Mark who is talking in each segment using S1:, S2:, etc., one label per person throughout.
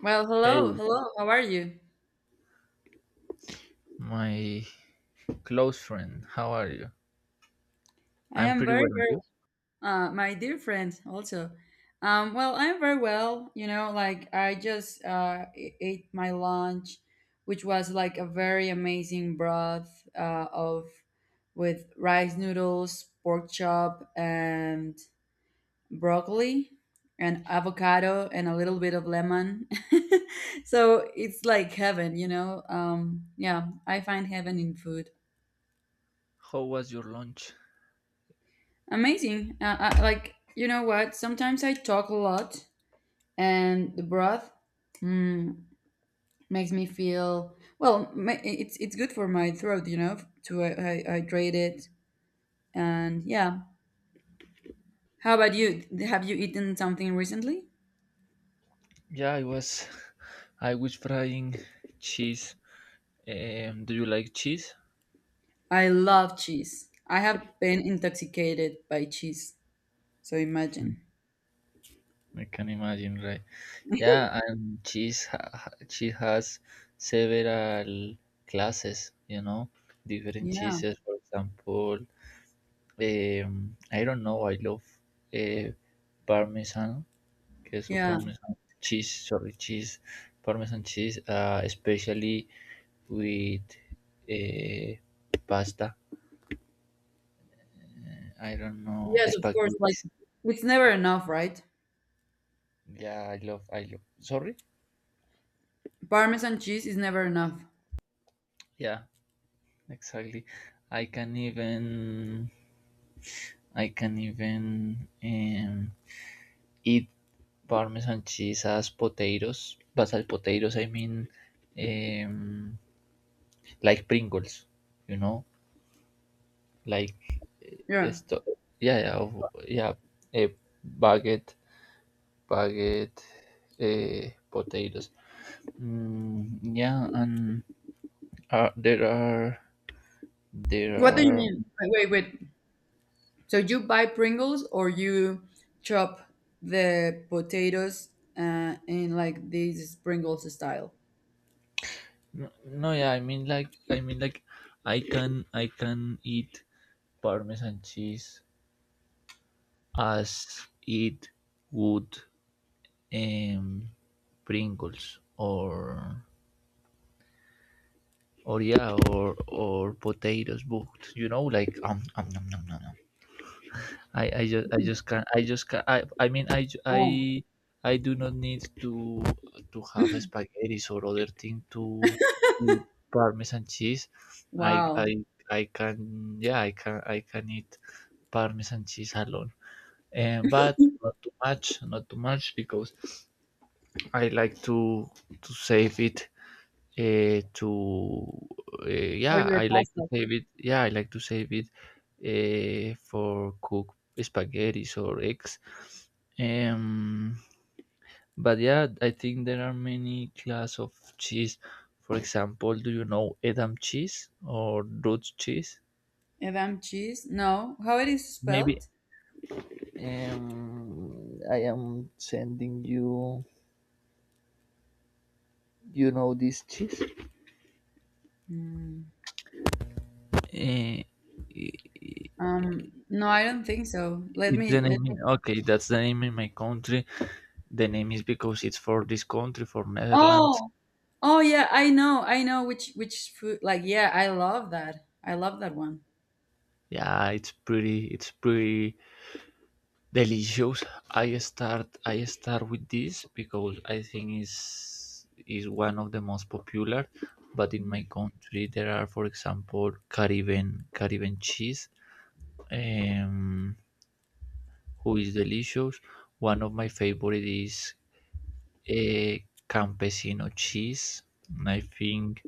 S1: Well, hello,
S2: Hey,
S1: hello. How are you?
S2: my close friend, how are you?
S1: I
S2: I'm
S1: am
S2: pretty
S1: very,
S2: well, and
S1: very,
S2: you?
S1: my dear friend. Also, well, I'm very well. You know, like I just ate my lunch, which was like a very amazing broth of with rice noodles, pork chop, and broccoli, and avocado, and a little bit of lemon. So it's like heaven, you know. Yeah, I find heaven in food.
S2: How was your lunch?
S1: Amazing. I, like, you know what? Sometimes I talk a lot, and the broth mm, makes me feel well. It's good for my throat, you know, to hydrate it. And yeah, how about you? Have you eaten something recently?
S2: Yeah, I was. I was frying cheese. Do you like cheese?
S1: I love cheese. I have been intoxicated by cheese. So imagine.
S2: I can imagine, right? Yeah, and cheese, cheese has several classes, you know, different
S1: Yeah,
S2: cheeses. For example, I don't know. I love uh, Parmesan. Okay, so
S1: yeah,
S2: Parmesan cheese, sorry, cheese, Parmesan cheese, especially with uh, pasta. I don't know,
S1: yes, of course.
S2: spaghetti.
S1: Like, it's never enough, right?
S2: I love. Sorry.
S1: Parmesan cheese is never enough.
S2: Yeah, exactly. I can even, I can even eat Parmesan cheese as potatoes, but as potatoes I mean um, like Pringles, you know. Like
S1: Yeah.
S2: esto yeah yeah of- yeah a baguette baguette, potatoes, mm, yeah, and uh, there are there
S1: What do you
S2: are
S1: mean? Wait, wait, wait. So you buy Pringles or you chop the potatoes in like these Pringles style?
S2: no, no, yeah, I mean like, I can eat Parmesan cheese as it would, um Pringles, or or potatoes, but you know, like, nom, nom, nom, nom. I I just I
S1: Mhm.
S2: just can't. I mean,
S1: Oh,
S2: I do not need to have spaghetti or other thing to eat Parmesan cheese. I
S1: wow.
S2: I I can, yeah, I can eat Parmesan cheese alone. And but not too much, not too much, because I like to save it to
S1: Or
S2: yeah,
S1: your
S2: I like to
S1: pasta.
S2: save it. Yeah, I like to save it for cook spaghetti or eggs. Um, but yeah, I think there are many class of cheese. For example, do you know Edam cheese or Dutch cheese?
S1: Edam cheese? No. How it is
S2: Maybe
S1: spelled?
S2: I am sending you. You know this cheese?
S1: Mm.
S2: Uh, i-
S1: No, I don't think so. Let
S2: it's
S1: me
S2: the
S1: let
S2: name.
S1: me.
S2: In, okay, that's the name in my country. The name is because it's for this country, for Netherlands.
S1: Oh, oh yeah, I know which food. Like yeah, I love that. I love that one.
S2: Yeah, it's pretty. It's pretty delicious. I start. I start with this because I think is one of the most popular. But in my country, there are, for example, Caribbean cheese, um, who is delicious. One of my favorite is a campesino cheese. I think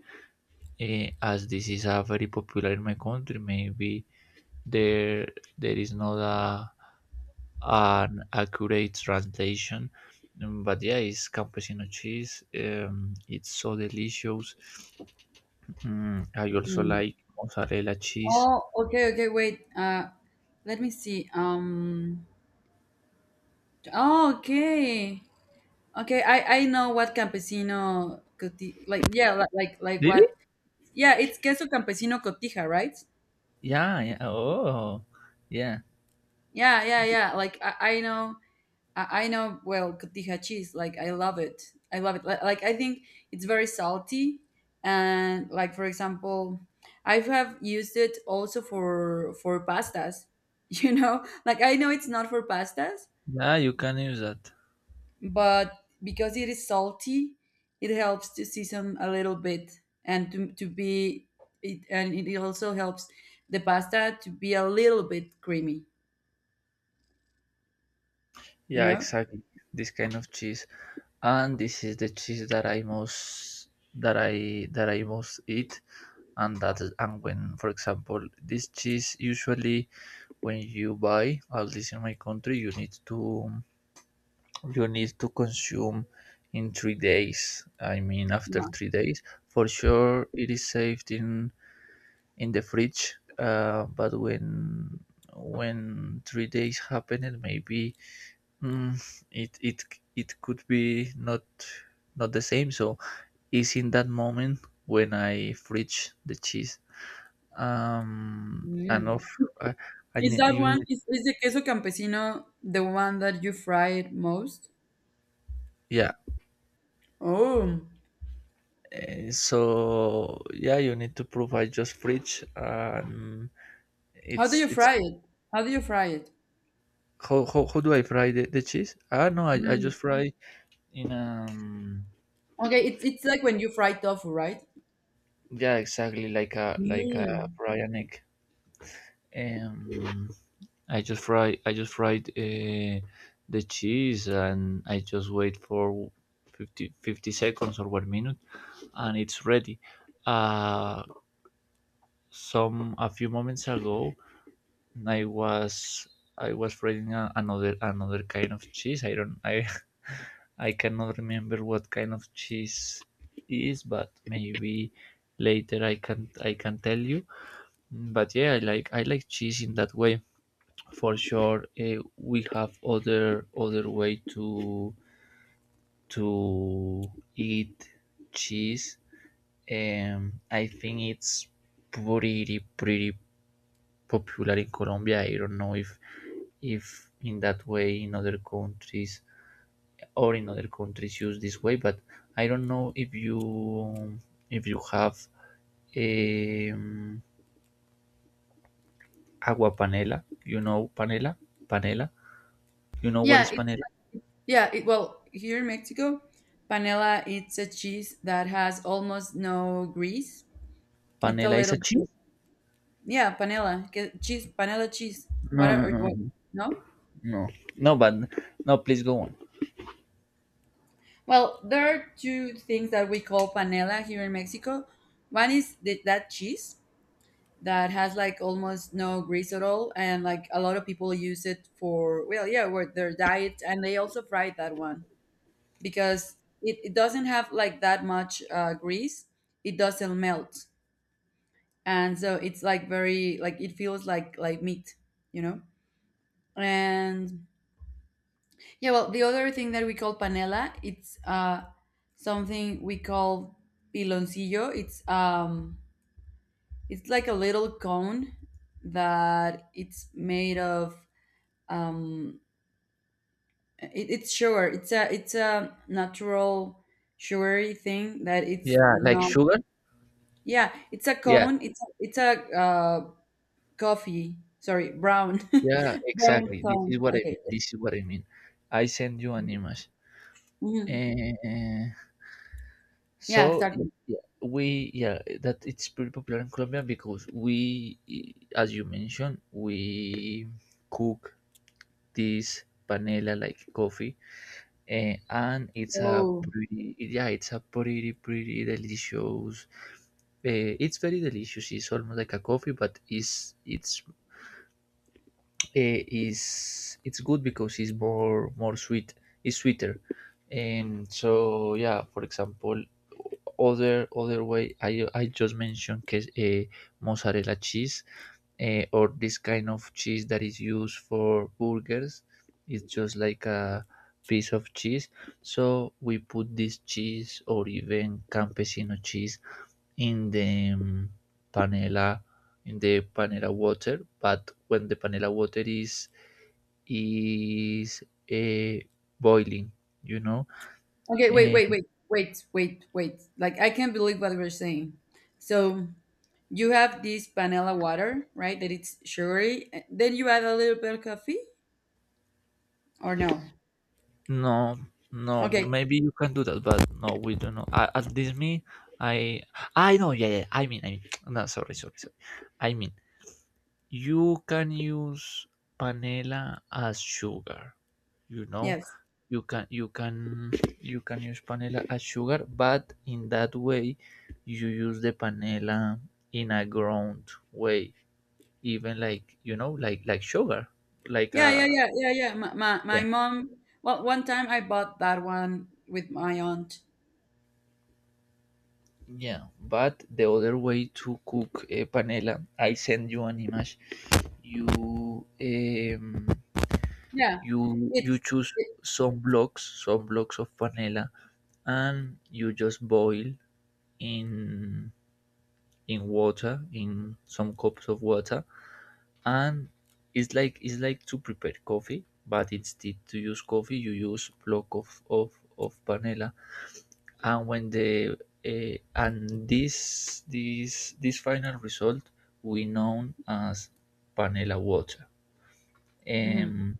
S2: as this is a very popular in my country, maybe there there is not a an accurate translation. But yeah, it's campesino cheese, it's so delicious. Mm, I also
S1: Mm.
S2: like mozzarella cheese.
S1: Oh, okay, okay, wait. Let me see. Oh, okay. Okay, I know what campesino coti like yeah, li- like what?
S2: Really?
S1: Yeah, it's queso campesino cotija, right?
S2: Yeah, yeah. Oh, yeah,
S1: Yeah, yeah, yeah. Like I know I know well cotija cheese. Like I love it. I love it. Like I think it's very salty and like for example, I have used it also for pastas. You know, like I know it's not for pastas,
S2: yeah, you can use that.
S1: but because it is salty it helps to season a little bit and to be it and it also helps the pasta to be a little bit creamy, you
S2: Yeah,
S1: know.
S2: exactly, this kind of cheese, and this is the cheese that I most that I most eat. And that, and when, for example, this cheese usually when you buy, at least in my country, you need to consume in 3 days. I mean, after
S1: Wow.
S2: 3 days, for sure it is saved in the fridge. But when 3 days happened, maybe mm, it it it could be not not the same. So it's in that moment when I fridge the cheese. And
S1: Mm.
S2: of I, I
S1: Is
S2: need,
S1: that
S2: you
S1: one,
S2: need
S1: is the queso campesino the one that you fry it most?
S2: yeah.
S1: Oh,
S2: So yeah, you need to provide, just fridge,
S1: how do you
S2: it's
S1: fry it? How do you fry it?
S2: how do I fry the cheese? Ah, no, I, I
S1: Mm.
S2: just fry in
S1: Okay, it's like when you fry tofu, right?
S2: yeah, exactly, like a, like a
S1: Mm.
S2: fry an egg. um I just fry, I just fried the cheese and I just wait for fifty seconds or one minute and it's ready. Uh some A few moments ago I was I was reading a, another another kind of cheese. I don't I cannot remember what kind of cheese is, but maybe later I can tell you. But yeah, I like cheese in that way for sure. We have other other way to eat cheese. I think it's pretty pretty popular in Colombia. I don't know if in that way in other countries or in other countries use this way, but I don't know if you have um, agua panela. You know panela? Panela. You know what
S1: Yeah,
S2: is
S1: it.
S2: panela?
S1: Yeah, it, well, here in Mexico, panela it's a cheese that has almost no grease. It's a
S2: Panela is a
S1: little bit,
S2: cheese.
S1: yeah, panela, que- cheese, panela cheese. What
S2: No,
S1: are
S2: no,
S1: or what?
S2: no,
S1: No?
S2: no, no, but no, please go on.
S1: Well, there are two things that we call panela here in Mexico. One is the, that cheese that has like almost no grease at all, and like a lot of people use it for well, yeah, for their diet, and they also fry that one because it doesn't have like that much grease. It doesn't melt and so it's like very like it feels like meat, you know. And yeah, well the other thing that we call panela it's something we call piloncillo. It's it's like a little cone that it's made of um it, it's sugar. It's a, it's a natural sugary thing that it's
S2: Yeah, like
S1: not.
S2: sugar.
S1: Yeah, it's a
S2: Yeah,
S1: cone. It's a coffee, sorry, brown.
S2: yeah,
S1: Brown
S2: exactly, this
S1: cone,
S2: is what I
S1: okay.
S2: mean, this is what I mean. I send you an image.
S1: Mhm.
S2: Eh,
S1: Yeah, exactly.
S2: yeah, we yeah, that it's pretty popular in Colombia because we, as you mentioned, we cook this panela like coffee, and it's a
S1: Oh,
S2: pretty, yeah, it's a pretty pretty delicious. It's very delicious. It's almost like a coffee, but it's is, it's good because it's more more sweet. It's sweeter. And so yeah, for example, other other way I just mentioned que mozzarella cheese, or this kind of cheese that is used for burgers, it's just like a piece of cheese, so we put this cheese or even campesino cheese in the panela, in the panela water, but when the panela water is uh, boiling, you know.
S1: okay, wait,
S2: uh,
S1: wait, wait, wait, wait, wait, like I can't believe what we're saying. So you have this panela water, right, that it's sugary, and then you add a little bit of coffee or no?
S2: No, no,
S1: Okay.
S2: maybe you can do that, but no, we don't know. A- At Disney, I, I know, yeah, yeah. I mean, no, sorry, sorry, sorry. I mean, you can use panela as sugar. You know,
S1: Yes.
S2: you can, you can, you can use panela as sugar, but in that way, you use the panela in a ground way, even like you know, like sugar, like
S1: Yeah, yeah,
S2: a.
S1: yeah, yeah, yeah, my mom, well, one time I bought that one with my aunt.
S2: Yeah, but the other way to cook panela, I send you an image. You um,
S1: Yeah.
S2: you you
S1: It's
S2: choose
S1: it.
S2: some blocks of panela, and you just boil in in water, in some cups of water, and it's like to prepare coffee, but instead to use coffee, you use block of panela, and when the and this this final result we known as panela water. um,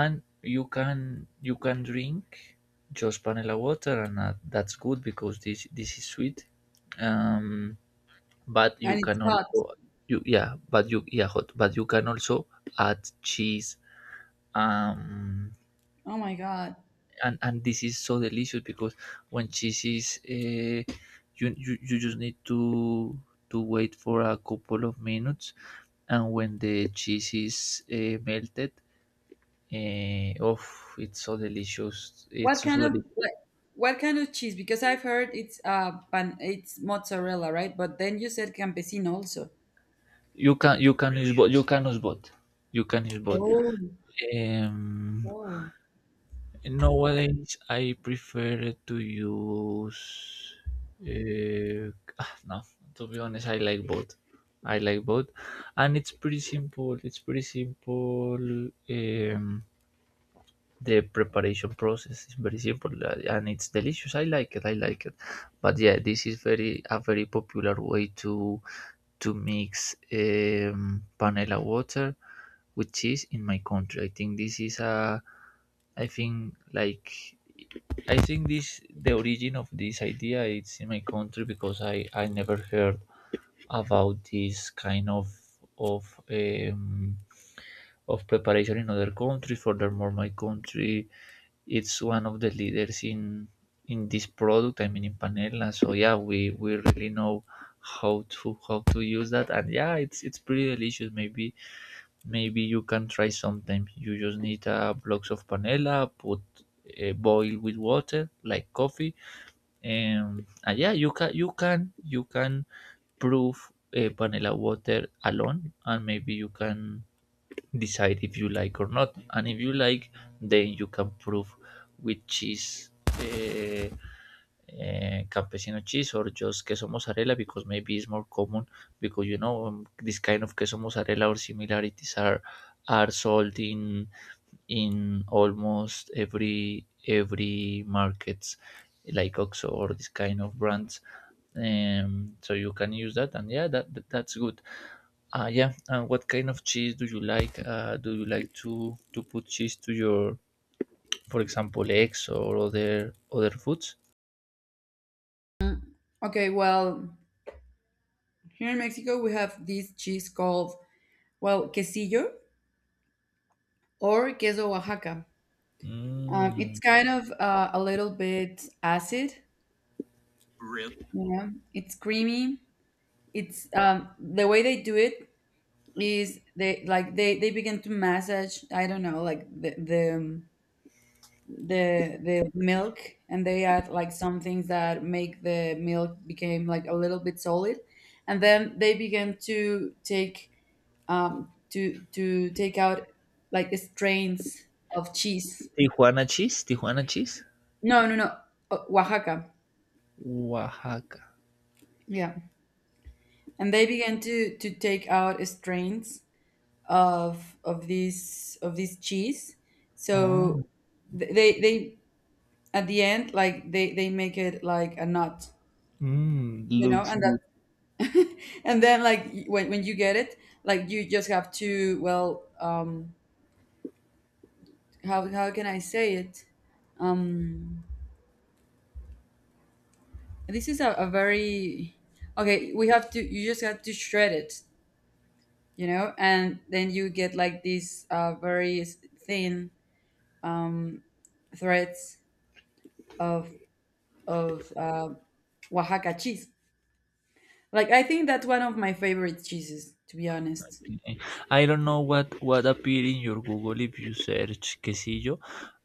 S2: and you can drink just panela water, and that, that's good because this is sweet. Um, but you
S1: And it's
S2: can
S1: hot.
S2: also, you, yeah, but you, yeah, hot, but you can also add cheese. um
S1: Oh my god.
S2: and this is so delicious because when cheese is you, you just need to wait for a couple of minutes, and when the cheese is melted, uh, oh it's so delicious, it's
S1: What
S2: so
S1: kind of
S2: delicious.
S1: what, what kind of cheese? Because I've heard it's pan, it's mozzarella, right? But then you said campesino also.
S2: You can you can use both, you can use both, you can use both.
S1: Oh,
S2: um
S1: oh.
S2: Nowadays, I prefer to use. No, to be honest, I like both. I like both, and it's pretty simple. It's pretty simple. Um, the preparation process is very simple, and it's delicious. I like it. I like it. But yeah, this is very a very popular way to mix panela water with cheese in my country. I think this is a, I think like, I think this the origin of this idea. It's in my country because I never heard about this kind of um, of preparation in other countries. Furthermore, my country it's one of the leaders in this product. I mean, in Panela. So yeah, we really know how to use that, and yeah, it's pretty delicious. Maybe maybe you can try sometime. You just need uh, blocks of panela, put boil with water like coffee. And yeah, you can you can you can prove panela water alone, and maybe you can decide if you like or not. And if you like, then you can prove with cheese, campesino cheese, or just queso mozzarella, because maybe it's more common, because you know, this kind of queso mozzarella or similarities are sold in almost every markets, like Oxo or this kind of brands. So you can use that, and yeah, that, that's good. Yeah. And what kind of cheese do you like? Do you like to put cheese to your, for example, eggs or other other foods?
S1: Okay, well, here in Mexico we have this cheese called well quesillo or queso Oaxaca. It's
S2: Mm.
S1: kind of a little bit acid. You know, it's creamy. It's the way they do it is they like they begin to massage. I don't know, like the milk, and they add like some things that make the milk became like a little bit solid, and then they began to take out like strains of cheese.
S2: Tijuana cheese. Tijuana cheese.
S1: No, no, no. Oaxaca.
S2: Oaxaca.
S1: Yeah, and they began to take out strains of this cheese. So
S2: Oh.
S1: they at the end like they make it like a nut,
S2: Mm,
S1: you know.
S2: looks
S1: And
S2: good.
S1: and then like when you get it, like you just have to, well, how can I say it? um this is a very, okay, we have to you just have to shred it, you know. And then you get like these very thin threads of of Oaxaca cheese. Like I think that's one of my favorite cheeses, to be honest.
S2: I don't know what appeared in your Google if you search quesillo,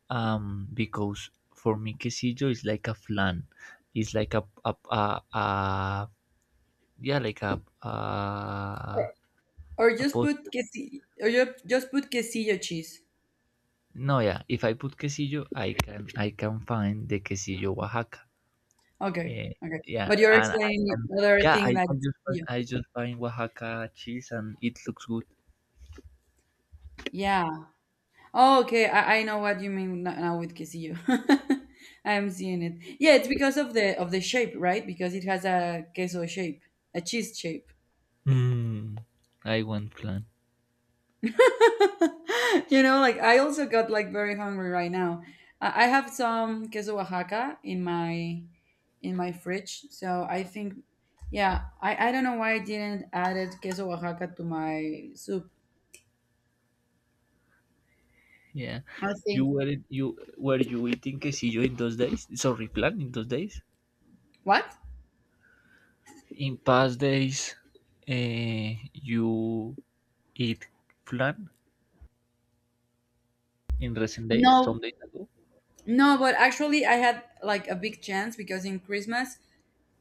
S2: because for me quesillo is like a flan, it's like a, a, yeah, like
S1: Or
S2: a
S1: just
S2: post.
S1: put just put quesillo cheese.
S2: No, yeah. If I put quesillo, I can find the quesillo Oaxaca.
S1: Okay,
S2: Eh,
S1: okay.
S2: yeah,
S1: But you're
S2: and I
S1: saying
S2: can,
S1: other
S2: yeah,
S1: thing that. Yeah.
S2: I just find Oaxaca cheese, and it looks good.
S1: Yeah. Oh, okay. I know what you mean now with quesillo. I'm seeing it. Yeah, it's because of the shape, right? Because it has a queso shape, a cheese shape.
S2: Mm. I want plan.
S1: You know, like I also got like very hungry right now. I have some queso Oaxaca in my fridge, so I think, yeah, I don't know why I didn't added queso Oaxaca to my soup.
S2: Yeah,
S1: I
S2: you
S1: think
S2: were you were you eating quesillo in those days? Sorry, plan in those days.
S1: what?
S2: In past days, you eat flan in recent days,
S1: No.
S2: some days ago.
S1: No, but actually, I had like a big chance because in Christmas,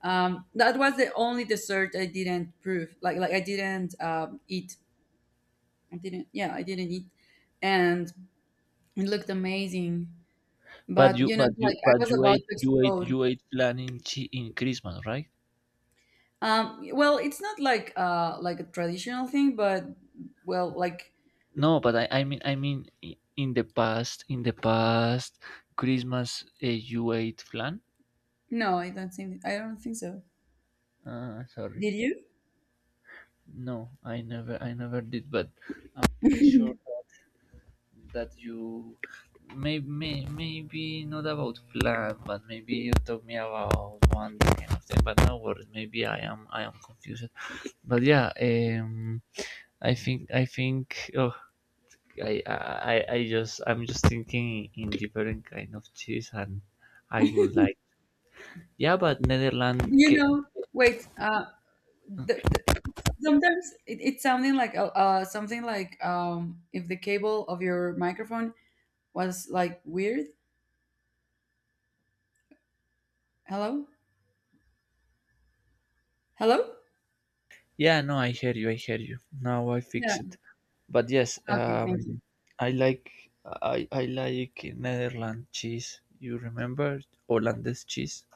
S1: that was the only dessert I didn't prove. Like I didn't eat. I didn't. Yeah, I didn't eat, and it looked amazing.
S2: But
S1: But
S2: you
S1: you know,
S2: but
S1: like
S2: you
S1: I
S2: but
S1: was
S2: you
S1: about to
S2: ate you ate
S1: explode.
S2: you ate flan in chi- in Christmas, right?
S1: Well, it's not like like a traditional thing, but well, like
S2: No, but I mean, in the past Christmas, you ate flan.
S1: no, I don't think so.
S2: Sorry,
S1: Did you?
S2: no, I never did. But I'm pretty sure
S1: Do
S2: that you, maybe, maybe not about flan, but maybe you told me about one kind of thing. But no worries, maybe I am confused. But yeah, I think, oh, I, I, I just, I'm just thinking in different kind of cheese and. I would like. Yeah, but Netherlands.
S1: you
S2: Ca-
S1: know, wait. The, sometimes it, it's something like if the cable of your microphone was like weird. Hello, hello.
S2: yeah, no, I hear you. I hear you. Now I
S1: Yeah.
S2: fix it. But yes,
S1: Okay. Thank you.
S2: I like I like Netherlands cheese. You remember Hollandaise cheese?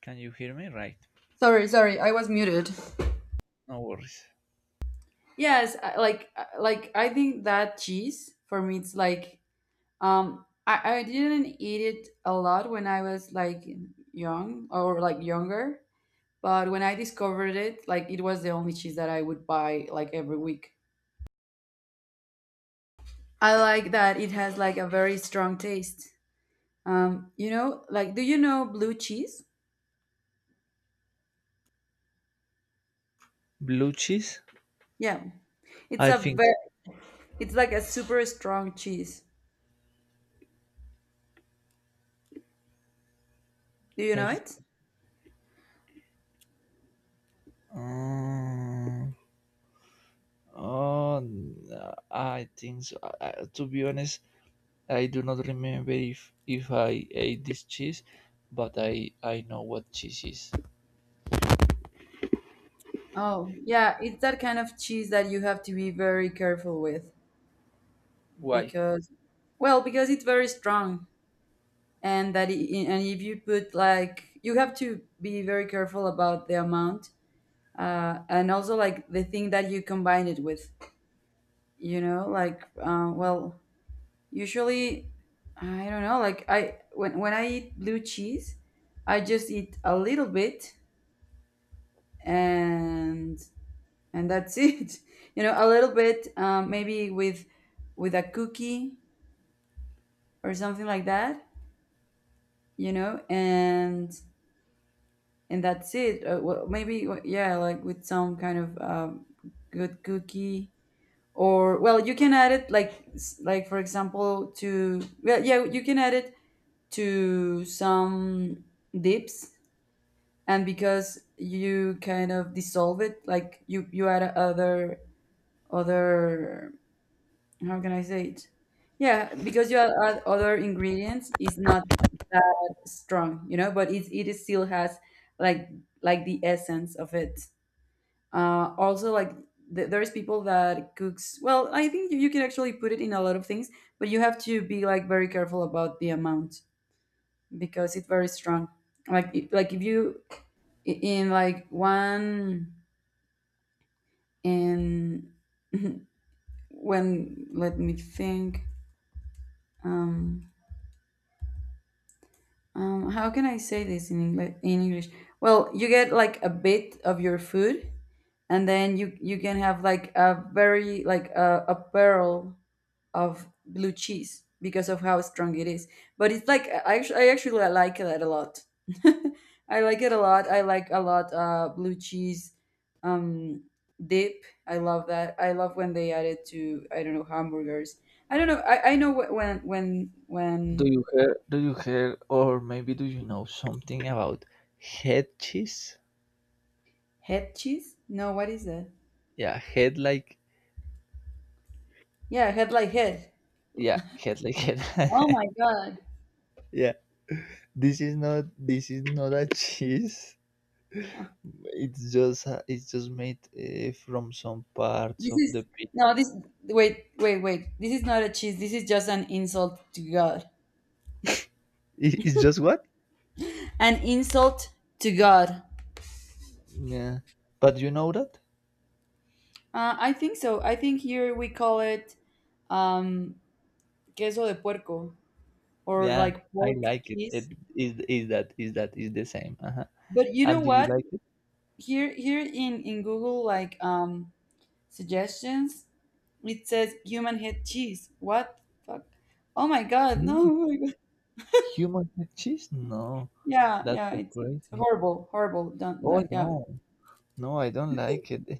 S2: Can you hear me? Right.
S1: Sorry, sorry. I was muted.
S2: No worries.
S1: Yes, I- like I think that cheese for me, it's like I didn't eat it a lot when I was like young or like younger, but when I discovered it, like it was the only cheese that I would buy like every week. I like that it has like a very strong taste. You know, like do you know blue cheese?
S2: Blue cheese.
S1: Yeah. It's
S2: I
S1: a
S2: think so.
S1: very, it's like a super strong cheese. Do you
S2: I.
S1: know
S2: Th-
S1: it?
S2: Um, oh, n- I think so. To be honest, I do not remember if I ate this cheese, but I know what cheese is.
S1: Oh, yeah, it's that kind of cheese that you have to be very careful with
S2: Why?
S1: because well, because it's very strong, and that I and if you put like you have to be very careful about the amount, and also like the thing that you combine it with. You know, like well, usually, I don't know. Like I when I eat blue cheese, I just eat a little bit, and and that's it. You know, a little bit, maybe with a cookie or something like that. You know, and that's it. Well, maybe yeah, like with some kind of good cookie or, well, you can add it like like for example to, well yeah you can add it to some dips. And because you kind of dissolve it like you add other other how can I say it, yeah, because you add, add other ingredients it's not that strong, you know. But it is still has like like the essence of it. Also like there's people that cooks, well I think you can actually put it in a lot of things, but you have to be like very careful about the amount because it's very strong. Like it- like if you in like one and when let me think, um, how can I say this in english, well you get like a bit of your food and then you can have like a very like a pearl of blue cheese because of how strong it is. But it's like I actually like that a lot. I like it a lot. I like a lot blue cheese um, dip. I love that. I love when they add it to I don't know hamburgers. I don't know. I know
S2: Do
S1: when
S2: you hear? Do you hear, or maybe do you know something about head cheese?
S1: head cheese. No, what is that?
S2: Yeah, head like
S1: Yeah, head like head.
S2: yeah, head like head.
S1: Oh my god!
S2: Yeah, this is not, this is not a cheese. It's just a- it's just made from some parts
S1: This
S2: of the
S1: is
S2: pig.
S1: no. This wait wait wait. This is not a cheese. This is just an insult to God.
S2: I- it's just what?
S1: An insult to God.
S2: Yeah, but you know that?
S1: I think so. I think here we call it um, queso de puerco or
S2: Yeah,
S1: like
S2: I
S1: pork
S2: like it.
S1: cheese.
S2: It is that, is that is the same. Uh-huh.
S1: But you know
S2: And do you
S1: what?
S2: like it?
S1: Here, here in Google, like suggestions, it says human head cheese. What the fuck? Oh my god! No,
S2: Human,
S1: oh my god.
S2: human head cheese? No,
S1: Yeah,
S2: that's
S1: yeah.
S2: so
S1: It's
S2: crazy.
S1: horrible, horrible. Don't
S2: Oh
S1: that. Yeah,
S2: no, no, I don't like it. Eh,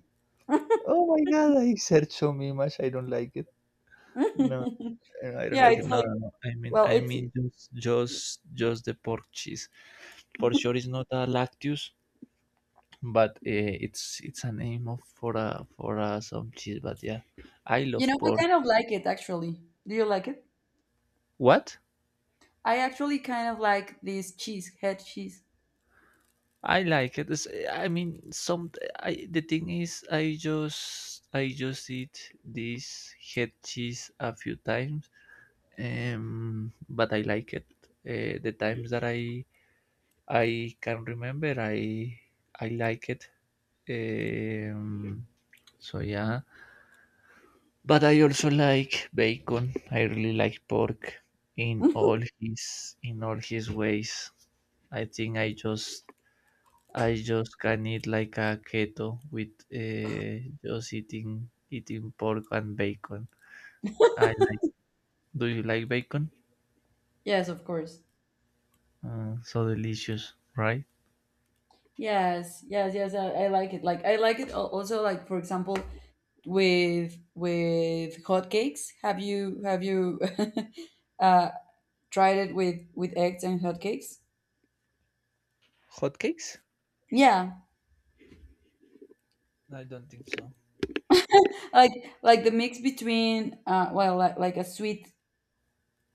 S2: oh my God, I search so many much. I don't like it. No, eh, I don't
S1: yeah.
S2: like it.
S1: It's
S2: No,
S1: like
S2: no, no.
S1: well, it's
S2: Just the pork cheese. For sure, it's not a lactose, but it's a name of for a some cheese. But yeah, I
S1: you
S2: love
S1: know I
S2: pork.
S1: kind of like it actually. Do you like it?
S2: What?
S1: I actually kind of like this cheese, head cheese.
S2: I like it. It's, eh, I mean, some. I the thing is, I just eat this head cheese a few times but I like it. The times that I can remember, I like it. Um, so yeah, but I also like bacon. I really like pork in all his, in all his ways. I think I just can eat like a keto with just eating, eating pork and bacon. I like. Do you like bacon?
S1: Yes, of course.
S2: So delicious, right?
S1: Yes, yes, yes. I like it. Like I like it also. Like for example, with hotcakes. Have you uh, tried it with eggs and hotcakes?
S2: Hotcakes?
S1: Yeah,
S2: I don't think so.
S1: like the mix between like, a sweet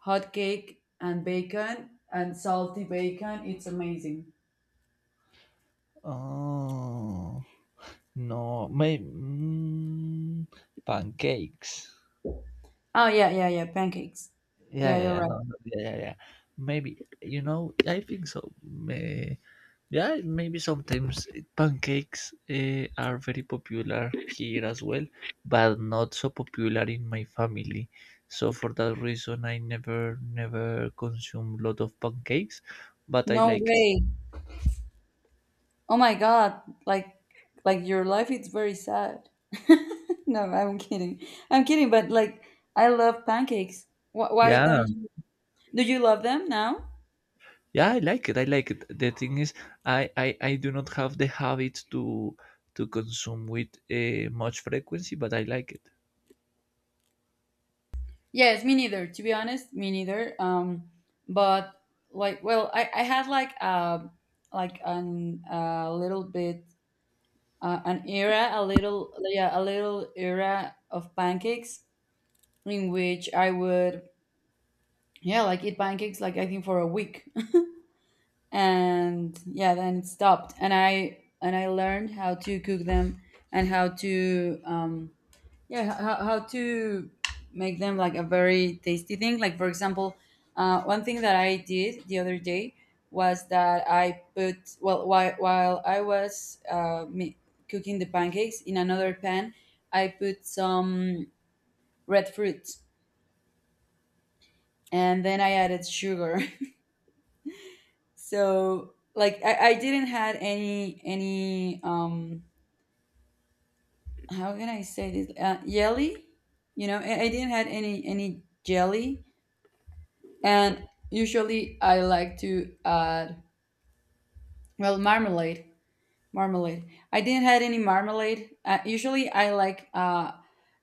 S1: hotcake and bacon and salty bacon. It's amazing.
S2: Oh no, maybe pancakes.
S1: Oh yeah, yeah, yeah. Pancakes.
S2: Yeah,
S1: Yeah,
S2: yeah,
S1: you're
S2: yeah, no,
S1: right.
S2: no, yeah, yeah, yeah. Maybe you know, I think so. May, yeah, maybe sometimes pancakes eh, are very popular here as well, but not so popular in my family. So for that reason, I never, never consume lot of pancakes. But I
S1: No
S2: like,
S1: way. Oh my god, like like your life is very sad. No, I'm kidding. I'm kidding, but like I love pancakes. Why
S2: yeah,
S1: don't you do you love them now?
S2: yeah, I like it. I like it. The thing is, I do not have the habit to consume with much frequency, but I like it.
S1: Yes, me neither. To be honest, me neither. But I had like a like an a little bit an era, a little yeah, a little era of pancakes in which I would yeah, like eat pancakes like I think for a week. And yeah, then it stopped, and I learned how to cook them and how to yeah how to make them like a very tasty thing. Like for example, one thing that I did the other day was that I put well while I was cooking the pancakes in another pan, I put some red fruit, and then I added sugar. So like I didn't had any how can I say this? Jelly, you know, I didn't had any jelly, and usually I like to add well marmalade, marmalade. I didn't had any marmalade. Usually I like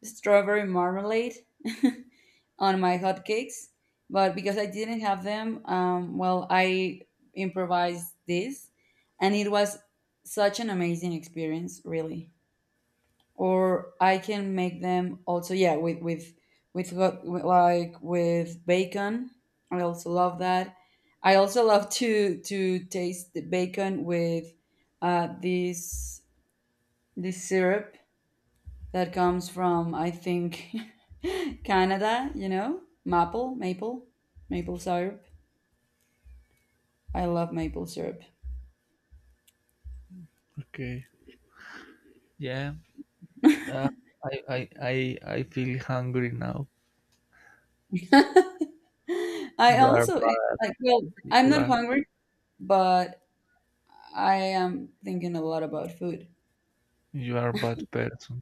S1: strawberry marmalade on my hotcakes, but because I didn't have them, well, I improvised this, and it was such an amazing experience, really. Or I can make them also yeah with like with bacon. I also love that. I also love to taste the bacon with this this syrup that comes from I think Canada. You know, maple maple syrup. I love maple syrup.
S2: Okay. Yeah, uh, I, I I I feel hungry now.
S1: I
S2: You are
S1: also
S2: bad.
S1: like well, I'm
S2: You
S1: not
S2: are
S1: hungry, but I am thinking a lot about food.
S2: you are bad person.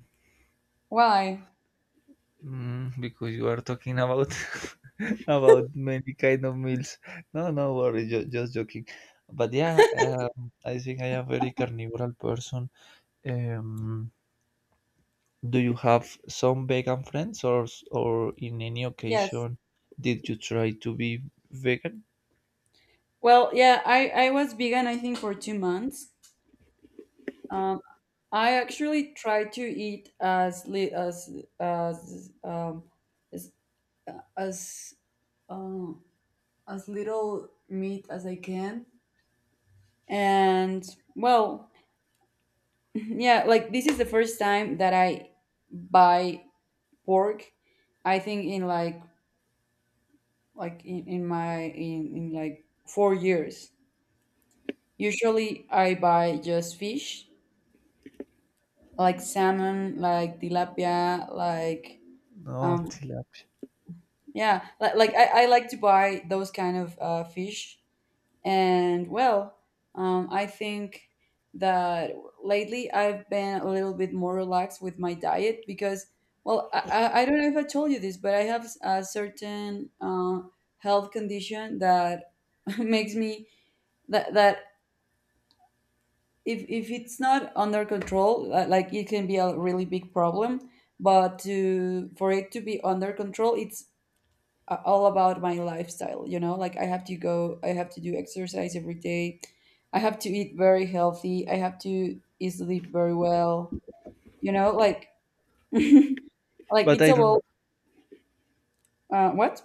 S1: Why?
S2: Mm, because you are talking about about many kind of meals. No, no worry. Just joking. But yeah, I think I am very carnivoral person. Um, Do you have some vegan friends, or s- or in any
S1: Yes.
S2: occasion did you try to be vegan?
S1: Well, yeah, I was vegan, I think, for 2 months. Um, I actually tried to eat as um as as, um, as little meat as I can. And well, yeah, like this is the first time that I buy pork. I think in like in, in like 4 years. Usually I buy just fish like salmon, like tilapia, like
S2: No,
S1: um
S2: tilapia.
S1: yeah, like I like to buy those kind of fish. And well, I think that lately I've been a little bit more relaxed with my diet because well, I don't know if I told you this, but I have a certain health condition that makes me that if it's not under control like it can be a really big problem, but to for it to be under control it's all about my lifestyle. You know, like I have to go, I have to do exercise every day, I have to eat very healthy, I have to sleep very well. You know, like like
S2: But
S1: it's
S2: I don't know.
S1: about what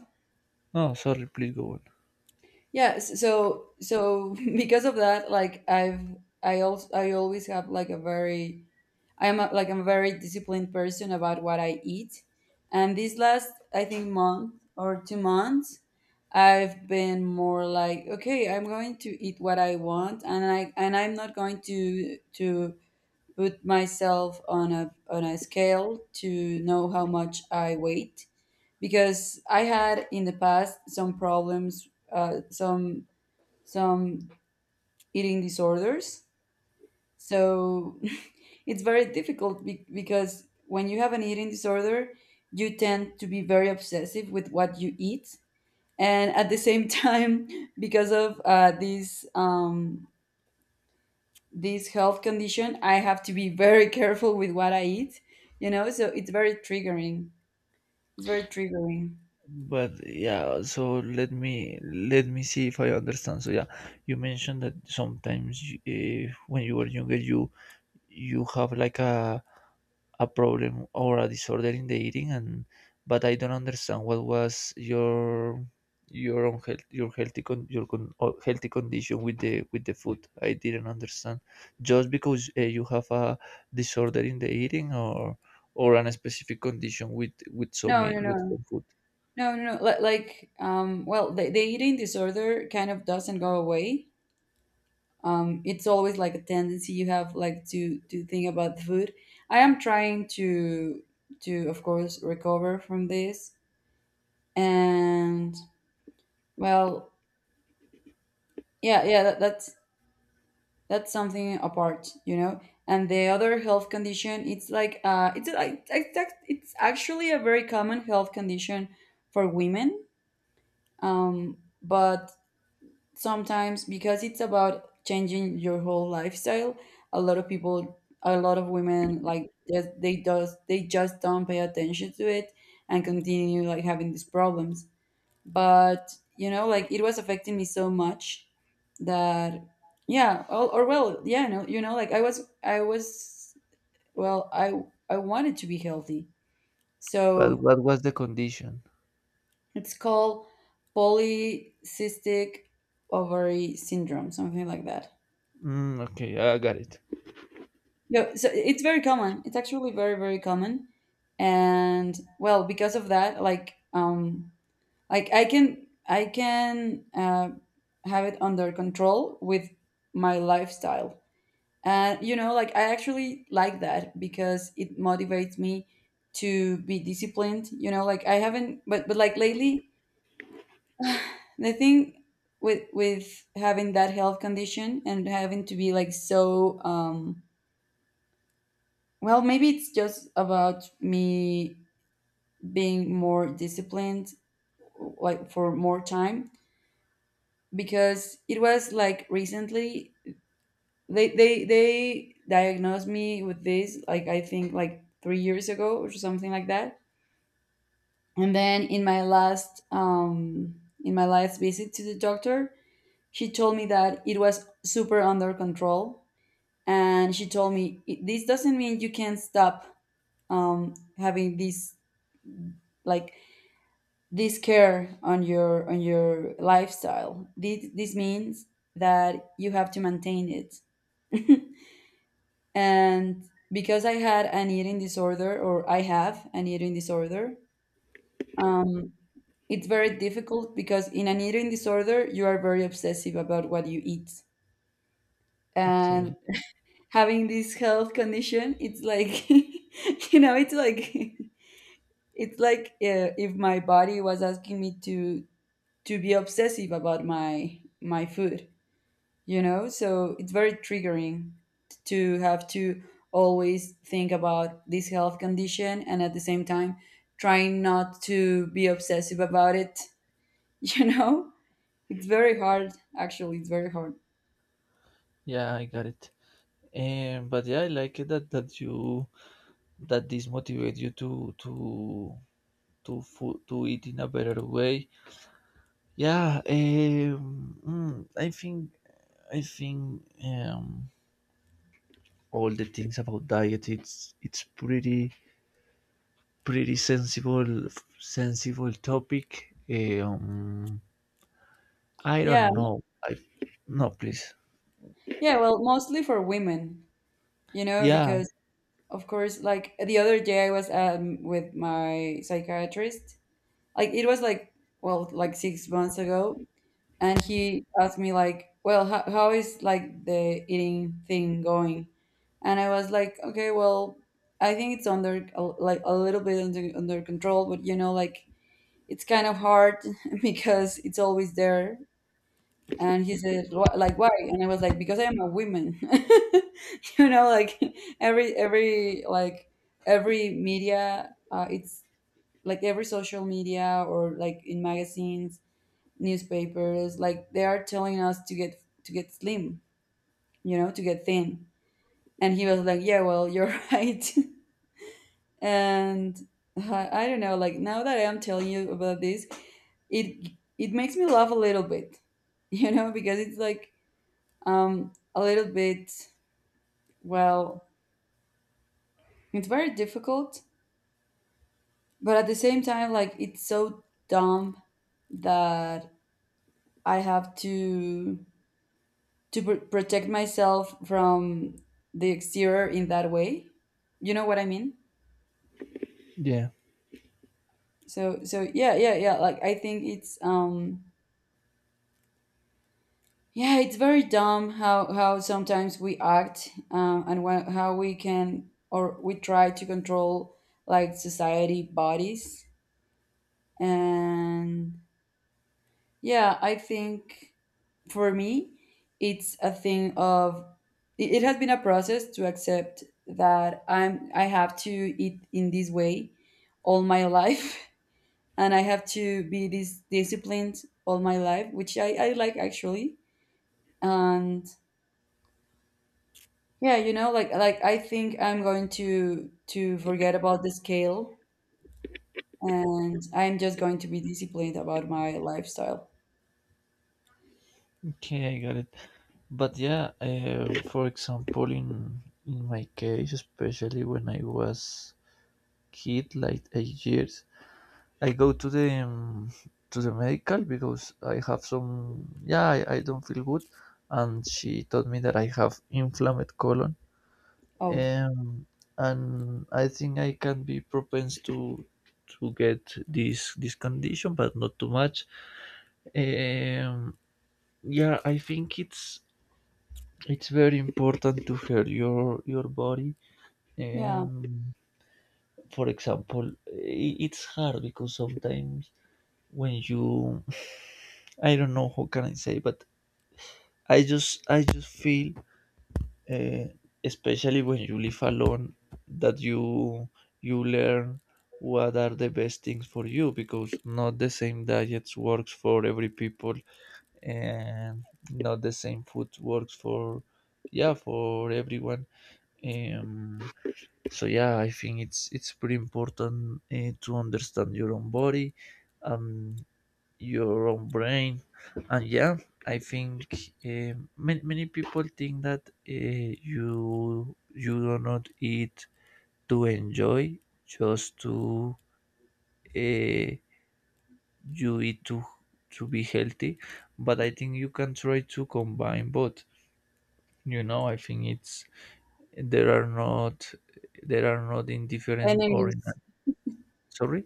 S2: Oh, sorry. Please go on.
S1: yeah. So because of that, like I've I also I always have like a very I'm a, like I'm a very disciplined person about what I eat, and this last I think month or 2 months, I've been more like okay, I'm going to eat what I want, and I'm not going to put myself on a scale to know how much I weight, because I had in the past some problems, some eating disorders. So it's very difficult because when you have an eating disorder, you tend to be very obsessive with what you eat, and at the same time, because of this this health condition, I have to be very careful with what I eat. You know, so it's very triggering. It's very triggering.
S2: But yeah, so let me see if I understand. So yeah, you mentioned that sometimes when you were younger, you have like a problem or a disorder in the eating. And but I don't understand what was your unhealth, your healthy con, your con, healthy condition with the food. I didn't understand just because you have a disorder in the eating, or an specific condition with some
S1: No,
S2: e-
S1: no,
S2: with
S1: no,
S2: some food.
S1: no, no, no. Like, well, the eating disorder kind of doesn't go away. It's always like a tendency you have like to think about food. I am trying to of course recover from this, and well, yeah, that's something apart, you know. And the other health condition, it's like it's like it's actually a very common health condition for women. But sometimes, because it's about changing your whole lifestyle, a lot of people, a lot of women, like just they does they just don't pay attention to it and continue like having these problems. But you know, like it was affecting me so much that yeah, or well, yeah, no, you know, like I was well, I wanted to be healthy,
S2: But
S1: so
S2: what was the condition?
S1: it's called polycystic ovary syndrome, something like that.
S2: Mm, okay, I got it.
S1: Yeah, so it's very common. It's actually very, very common. And well, because of that, like I can have it under control with my lifestyle. And you know, like I actually like that because it motivates me to be disciplined, you know, like I haven't but like lately the thing with having that health condition and having to be like so well, maybe it's just about me being more disciplined, like for more time, because it was like recently they diagnosed me with this, like I think like 3 years ago or something like that. And then in my last visit to the doctor, she told me that it was super under control, and she told me "I- this doesn't mean you can stop having these like this care on your lifestyle. This means that you have to maintain it." And because I had an eating disorder, or I have an eating disorder, um, it's very difficult, because in an eating disorder you are very obsessive about what you eat.
S2: Okay,
S1: And having this health condition, it's like you know it's like it's like if my body was asking me to be obsessive about my my food, you know, so it's very triggering to have to always think about this health condition, and at the same time, trying not to be obsessive about it. You know, it's very hard actually, it's very hard.
S2: yeah, I got it. But yeah, I like it that that you that this motivate you to food, to it in a better way. Yeah, I think all the things about diet it's pretty pretty sensible, sensible topic. I
S1: Yeah,
S2: don't know. I no please.
S1: yeah, well, mostly for women, you know,
S2: Yeah,
S1: because of course, like the other day I was with my psychiatrist, like it was like well like 6 months ago, and he asked me like well how is like the eating thing going, and I was like okay, well, I think it's like a little bit under control, but you know, like it's kind of hard. Because it's always there. And he said "Wh- like why?" And I was like because I am a woman. You know, like every like every media, it's like every social media, or like in magazines, newspapers, like they are telling us to get slim, you know, to get thin. And he was like yeah, well, you're right. And I don't know, like now that I am telling you about this, it it makes me laugh a little bit. You know, because it's like a little bit well, it's very difficult, but at the same time, like it's so dumb that I have to protect myself from the exterior in that way, you know what I mean.
S2: yeah.
S1: So yeah, yeah, yeah, like I think it's yeah, it's very dumb how sometimes we act, and how we can, or we try to control like society bodies. And yeah, I think for me, it's a thing of it, it has been a process to accept that I have to eat in this way all my life. And I have to be this disciplined all my life, which I like actually. And yeah, you know, like I think I'm going to forget about the scale, and I'm just going to be disciplined about my lifestyle.
S2: Okay, I got it. But yeah, for example, in my case, especially when I was kid, like 8 years, I go to the medical because I have some yeah I don't feel good, and she told me that I have inflamed colon,
S1: Oh,
S2: um, and I think I can be propense to get this this condition, but not too much. Um, yeah, I think it's very important to hear your body.
S1: yeah.
S2: Um, for example, I- it's hard because sometimes when you I don't know how can I say, but I just feel, uh, especially when you live alone, that you learn what are the best things for you because not the same diets works for every people and not the same food works for yeah for everyone. Um, so yeah, I think it's pretty important to understand your own body. Um, your own brain and yeah I think many, many people think that you you do not eat to enjoy, just to uh, you eat to be healthy, but I think you can try to combine both. You know I think it's there are not, there are not indifferent or in
S1: Enemies.
S2: sorry.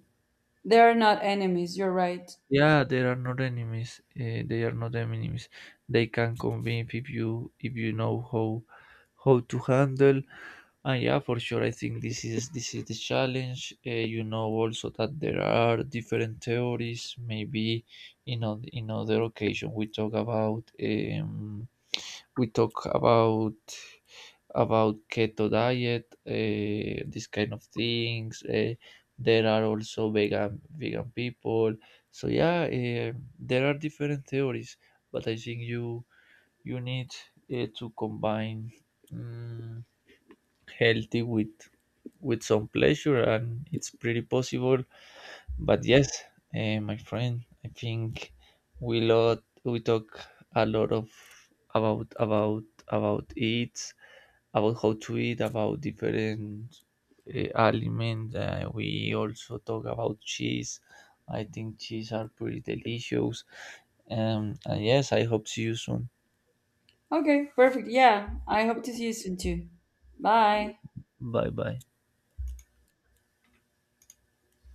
S1: They are not enemies, you're right.
S2: Yeah, they are not enemies. They are not enemies. They can convince if you know how to handle. And yeah, for sure, I think this is, this is the challenge. You know also that there are different theories. Maybe in on, in other occasion we talk about. We talk about keto diet, this kind of things. There are also vegan, vegan people. So yeah, there are different theories, but I think you you need to combine um, healthy with some pleasure, and it's pretty possible. But yes, eh, my friend, I think we talk a lot of about about it, about how to eat, about different aliments. We also talk about cheese. I think cheese are pretty delicious. And yes, I hope see you soon.
S1: Okay, perfect. Yeah, I hope to see you soon too. Bye.
S2: Bye bye.